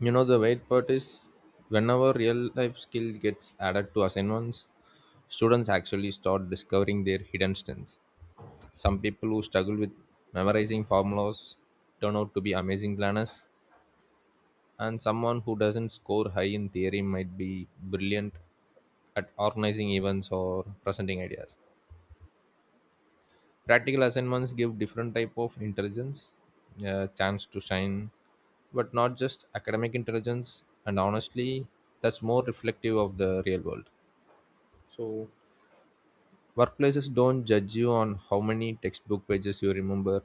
You know the weird part is whenever real life skill gets added to assignments, students actually start discovering their hidden strengths. Some people who struggle with memorizing formulas turn out to be amazing planners, and someone who doesn't score high in theory might be brilliant at organizing events or presenting ideas. Practical assignments give different type of intelligence, a chance to shine, but not just academic intelligence. And honestly, that's more reflective of the real world. So workplaces don't judge you on how many textbook pages you remember,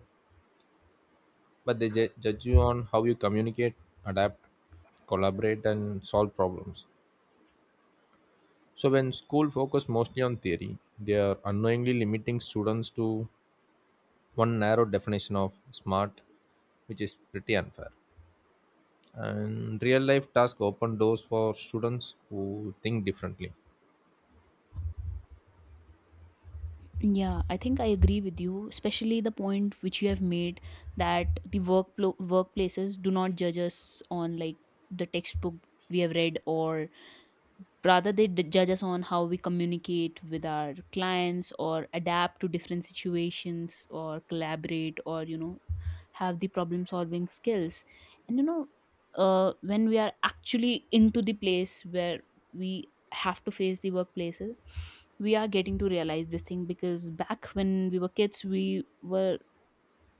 but judge you on how you communicate, adapt, collaborate, and solve problems. So when school focus mostly on theory, they are unknowingly limiting students to one narrow definition of smart, which is pretty unfair. And real life tasks open doors for students who think differently. Yeah, I think I agree with you, especially the point which you have made that the workplaces do not judge us on like the textbook we have read, or rather they judge us on how we communicate with our clients, or adapt to different situations, or collaborate, or have the problem solving skills. And you know When we are actually into the place where we have to face the workplaces, we are getting to realize this thing, because back when we were kids, we were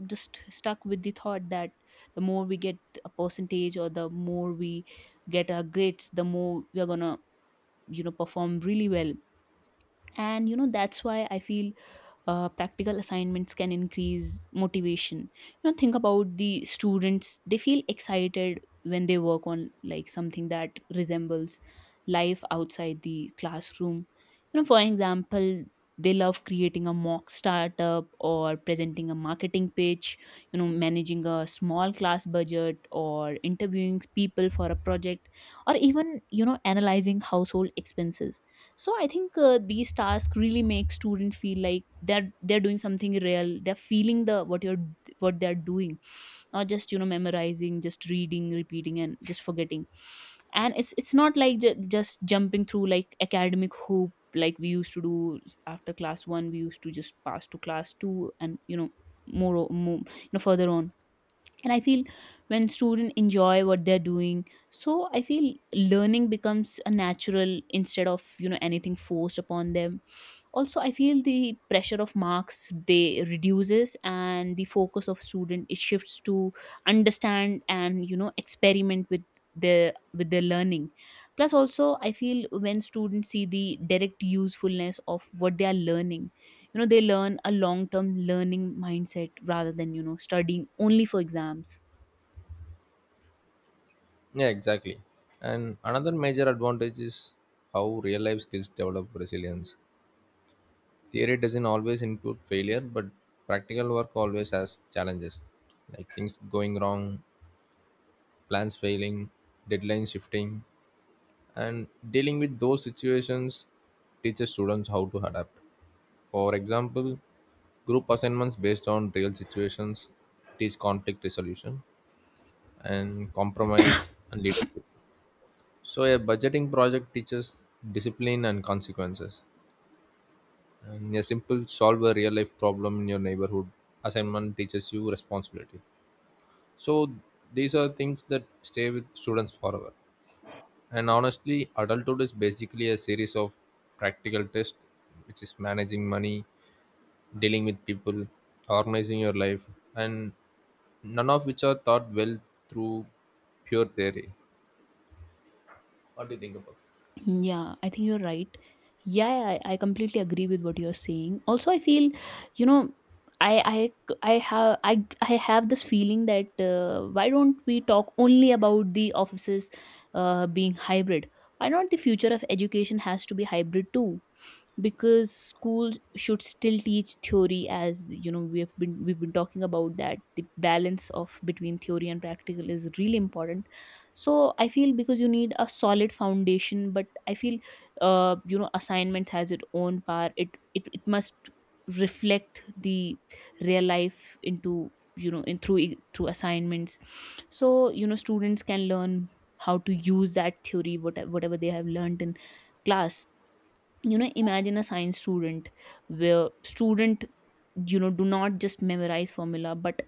just stuck with the thought that the more we get a percentage, or the more we get our grades, the more we are gonna, perform really well. And that's why I feel practical assignments can increase motivation. Think about the students. They feel excited when they work on like something that resembles life outside the classroom. For example, they love creating a mock startup, or presenting a marketing pitch, managing a small class budget, or interviewing people for a project, or even analyzing household expenses. So I think these tasks really make student feel like they're doing something real. They're feeling the what they're doing, not just memorizing, just reading, repeating and just forgetting. And it's not like just jumping through like academic hoop, like we used to do. After class 1 we used to just pass to class 2, and more further on. And I feel when students enjoy what they're doing, so I feel learning becomes a natural, instead of anything forced upon them. Also I feel the pressure of marks, they reduces, and the focus of student, it shifts to understand and experiment with their, with their learning. Plus, also I feel when students see the direct usefulness of what they are learning, they learn a long term learning mindset rather than studying only for exams. Yeah, exactly. And another major advantage is how real life skills develop resilience. Theory doesn't always include failure, but practical work always has challenges, like things going wrong, plans failing, deadlines shifting, and dealing with those situations teaches students how to adapt. For example, group assignments based on real situations teach conflict resolution, and compromise and leadership. So a budgeting project teaches discipline and consequences. And a simple solve a real life problem in your neighborhood assignment teaches you responsibility. So these are things that stay with students forever. And honestly, adulthood is basically a series of practical tests, which is managing money, dealing with people, organizing your life, and none of which are taught well through pure theory. What do you think about? Yeah, I think you're right. Yeah, I completely agree with what you're saying. Also, I feel, you know, I have this feeling that, why don't we talk only about the offices being hybrid? Why not the future of education has to be hybrid too? Because school should still teach theory. As we've been talking about, that the balance of between theory and practical is really important. So I feel, because you need a solid foundation, but I feel assignment has its own power. It must reflect the real life into, in through through assignments. So students can learn how to use that theory, whatever they have learned in class. Imagine a science student, where student do not just memorize formula, but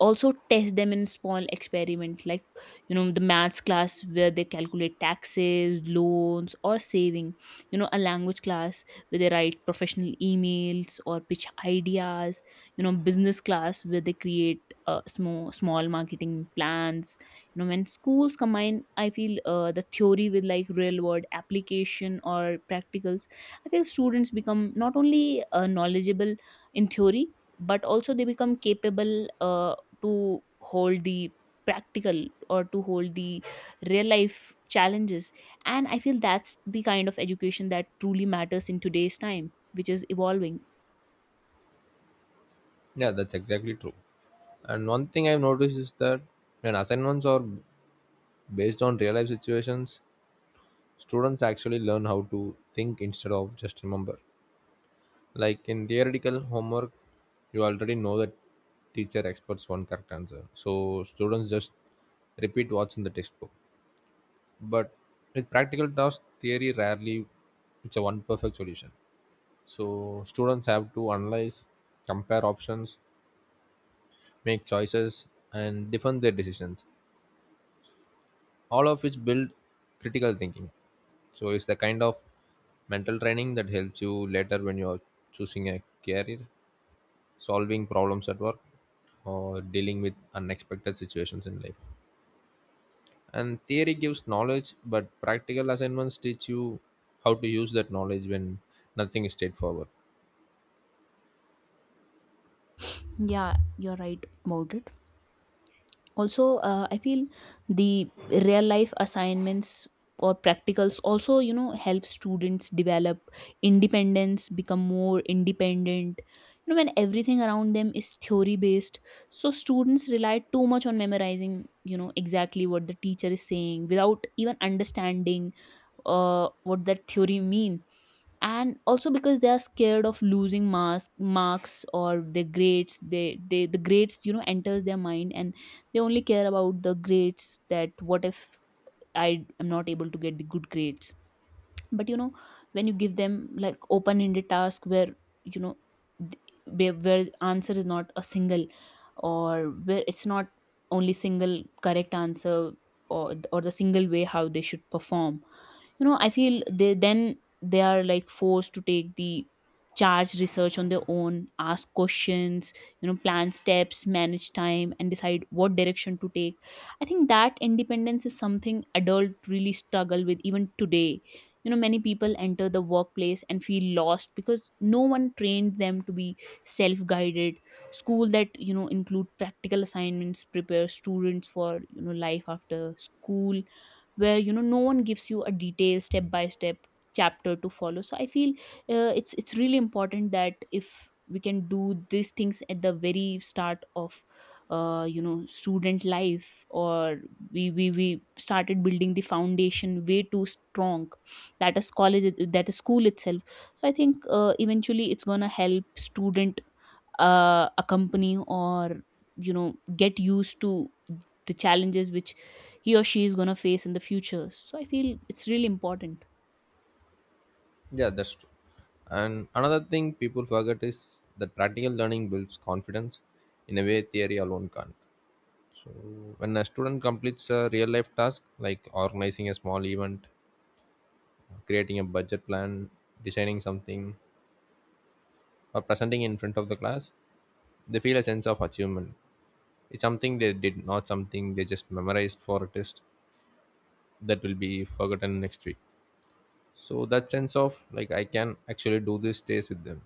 also test them in small experiment, like the maths class where they calculate taxes, loans or saving. A language class where they write professional emails or pitch ideas. Business class where they create small marketing plans. When schools combine, I feel the theory with like real world application, or practicals, I feel students become not only knowledgeable in theory, but also they become capable uh, to hold the practical, or to hold the real life challenges. And I feel that's the kind of education that truly matters in today's time, which is evolving. Yeah, that's exactly true. And one thing I've noticed is that when assignments are based on real life situations, students actually learn how to think instead of just remember. Like in theoretical homework, you already know that teacher experts one correct answer. So students just repeat what's in the textbook. But with practical tasks, theory rarely it's a one perfect solution. So students have to analyze, compare options, make choices, and defend their decisions, all of which build critical thinking. So it's the kind of mental training that helps you later when you're choosing a career, solving problems at work, or dealing with unexpected situations in life. And theory gives knowledge, but practical assignments teach you how to use that knowledge when nothing is straightforward. Yeah, you're right about it. Also I feel the real life assignments or practicals also help students develop independence, become more independent. When everything around them is theory based, so students rely too much on memorizing, exactly what the teacher is saying without even understanding what that theory mean. And also because they are scared of losing mask marks or the grades, the grades enters their mind, and they only care about the grades, that what if I am not able to get the good grades. But when you give them like open ended task where, you know where answer is not a single, or where it's not only single correct answer, or the single way how they should perform, I feel they then, they are like forced to take the charge, research on their own, ask questions, plan steps, manage time, and decide what direction to take. I think that independence is something adult really struggle with even today. Many people enter the workplace and feel lost because no one trained them to be self guided. School that include practical assignments prepare students for, life after school, where no one gives you a detailed step by step chapter to follow. So I feel it's really important that if we can do these things at the very start of student life, or we started building the foundation way too strong. That is college, that is school itself. So I think eventually it's gonna help student accompany, or get used to the challenges which he or she is going to face in the future. So I feel it's really important. Yeah, that's true. And another thing people forget is that practical learning builds confidence in a way theory alone can't. So when a student completes a real life task like organizing a small event, creating a budget plan, designing something, or presenting in front of the class, they feel a sense of achievement. It's something they did, not something they just memorized for a test that will be forgotten next week. So that sense of like I can actually do this stays with them.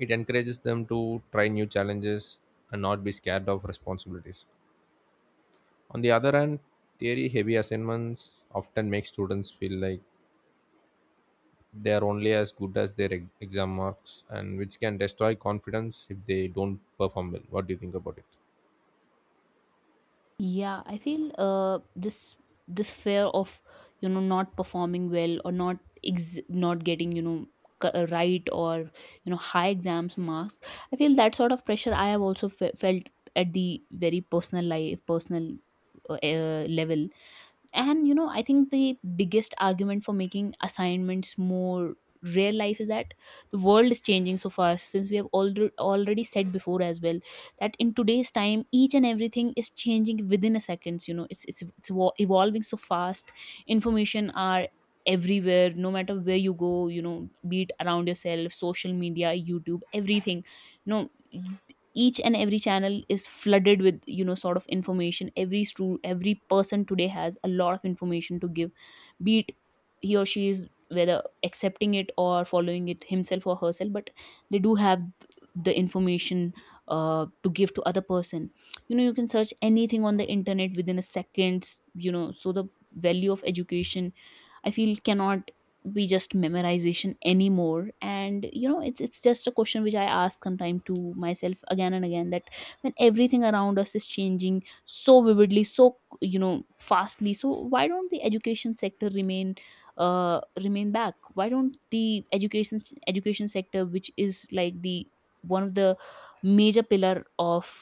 It encourages them to try new challenges and not be scared of responsibilities. On the other hand, theory heavy assignments often make students feel like they are only as good as their exam marks, and which can destroy confidence if they don't perform well. What do you think about it? Yeah, I feel this this fear of, not performing well, or not not getting, right, or high exams marks, I feel that sort of pressure I have also felt at the very personal level. And I think the biggest argument for making assignments more real life is that the world is changing so fast, since we have already said before as well, that in today's time each and everything is changing within a seconds. It's evolving so fast. Information are everywhere, no matter where you go. Be it around yourself, social media, YouTube, everything. you know each and every channel is flooded with, sort of information. Every every person today has a lot of information to give, be it he or she is whether accepting it or following it himself or herself, but they do have the information to give to other person. You can search anything on the internet within a seconds. So the value of education, I feel, cannot be just memorization anymore. And it's just a question which I ask sometime to myself again and again, that when everything around us is changing so vividly, so fastly, so why don't the education sector remain remain back? Why don't the education sector, which is like the one of the major pillar of,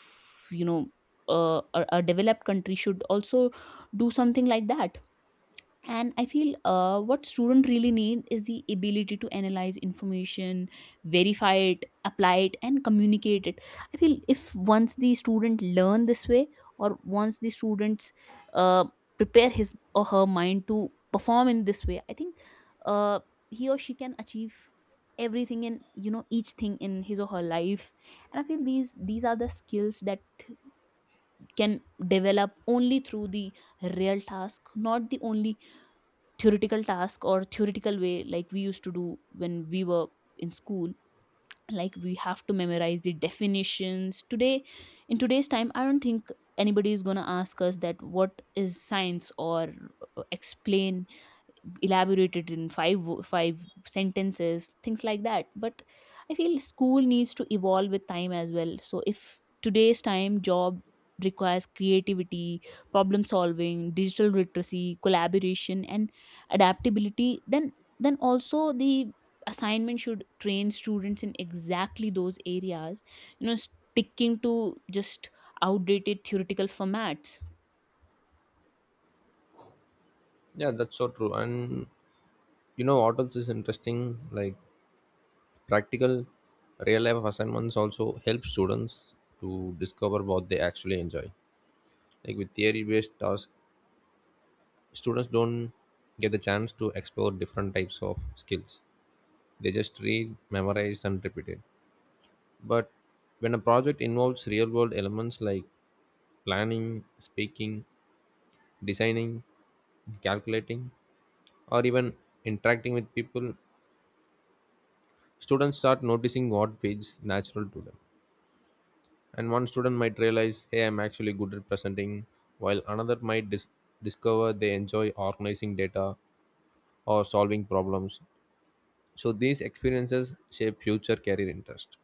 you know a developed country, should also do something like that? And I feel what student really need is the ability to analyze information, verify it, apply it, and communicate it. I feel if once the student learn this way, or once the students uh, prepare his or her mind to perform in this way, I think uh, he or she can achieve everything in, each thing in his or her life. And I feel these are the skills that can develop only through the real task, not the only theoretical task, or theoretical way, like we used to do when we were in school. Like we have to memorize the definitions today. In today's time I don't think anybody is going to ask us that what is science, or explain, elaborated in five sentences, things like that. But I feel school needs to evolve with time as well. So if today's time job requires creativity, problem solving, digital literacy, collaboration and adaptability, then also the assignment should train students in exactly those areas. Sticking to just outdated theoretical formats. Yeah, that's so true. And you know what else is interesting, like practical real life assignments also help students to discover what they actually enjoy. Like with theory based tasks, students don't get the chance to explore different types of skills. They just read memorize and repeat it. But when a project involves real world elements like planning, speaking, designing, calculating, or even interacting with people, students start noticing what feels natural to them. And one student might realize, hey, I'm actually good at presenting, while another might discover they enjoy organizing data or solving problems. So these experiences shape future career interest,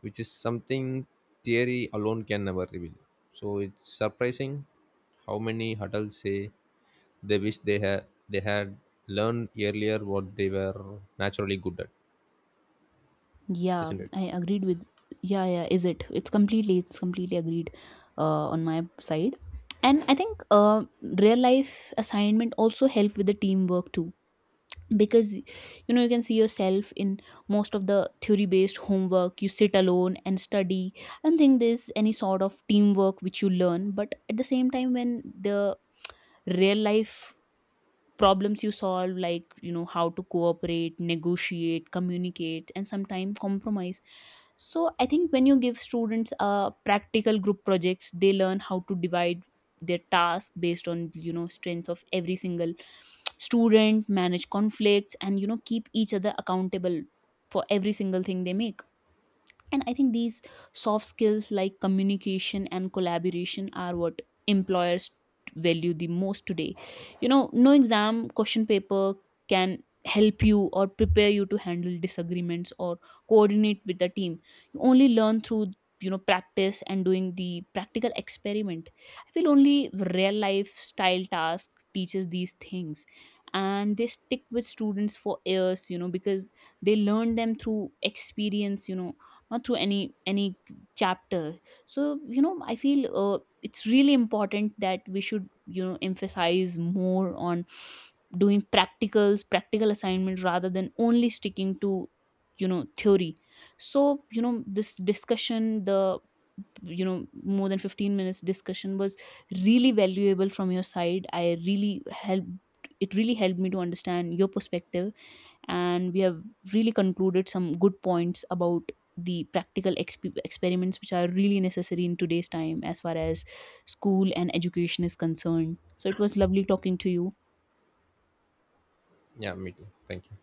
which is something theory alone can never reveal. So it's surprising how many adults say they wish they had learned earlier what they were naturally good at, Yeah, isn't it? I agreed with. Yeah, yeah, is it? It's completely agreed on my side. And I think real life assignment also help with the teamwork too. Because you know you can see yourself in most of the theory based homework. You sit alone and study. I don't think there's any sort of teamwork which you learn. But at the same time, when the real life problems you solve, like how to cooperate, negotiate, communicate and sometimes compromise. So I think when you give students practical group projects, they learn how to divide their task based on, strengths of every single student, manage conflicts, and keep each other accountable for every single thing they make. And I think these soft skills like communication and collaboration are what employers value the most today. No exam question paper can help you or prepare you to handle disagreements, or coordinate with the team. You only learn through, practice and doing the practical experiment. I feel only real life style task teaches these things, and they stick with students for years, because they learn them through experience, not through any chapter. So I feel it's really important that we should, emphasize more on doing practicals, practical assignment, rather than only sticking to, theory. So this discussion, the, more than 15 minutes discussion was really valuable from your side. I really helped, it really helped me to understand your perspective. And we have really concluded some good points about the practical experiments which are really necessary in today's time, as far as school and education is concerned. So it was lovely talking to you. Yeah, me too. Thank you.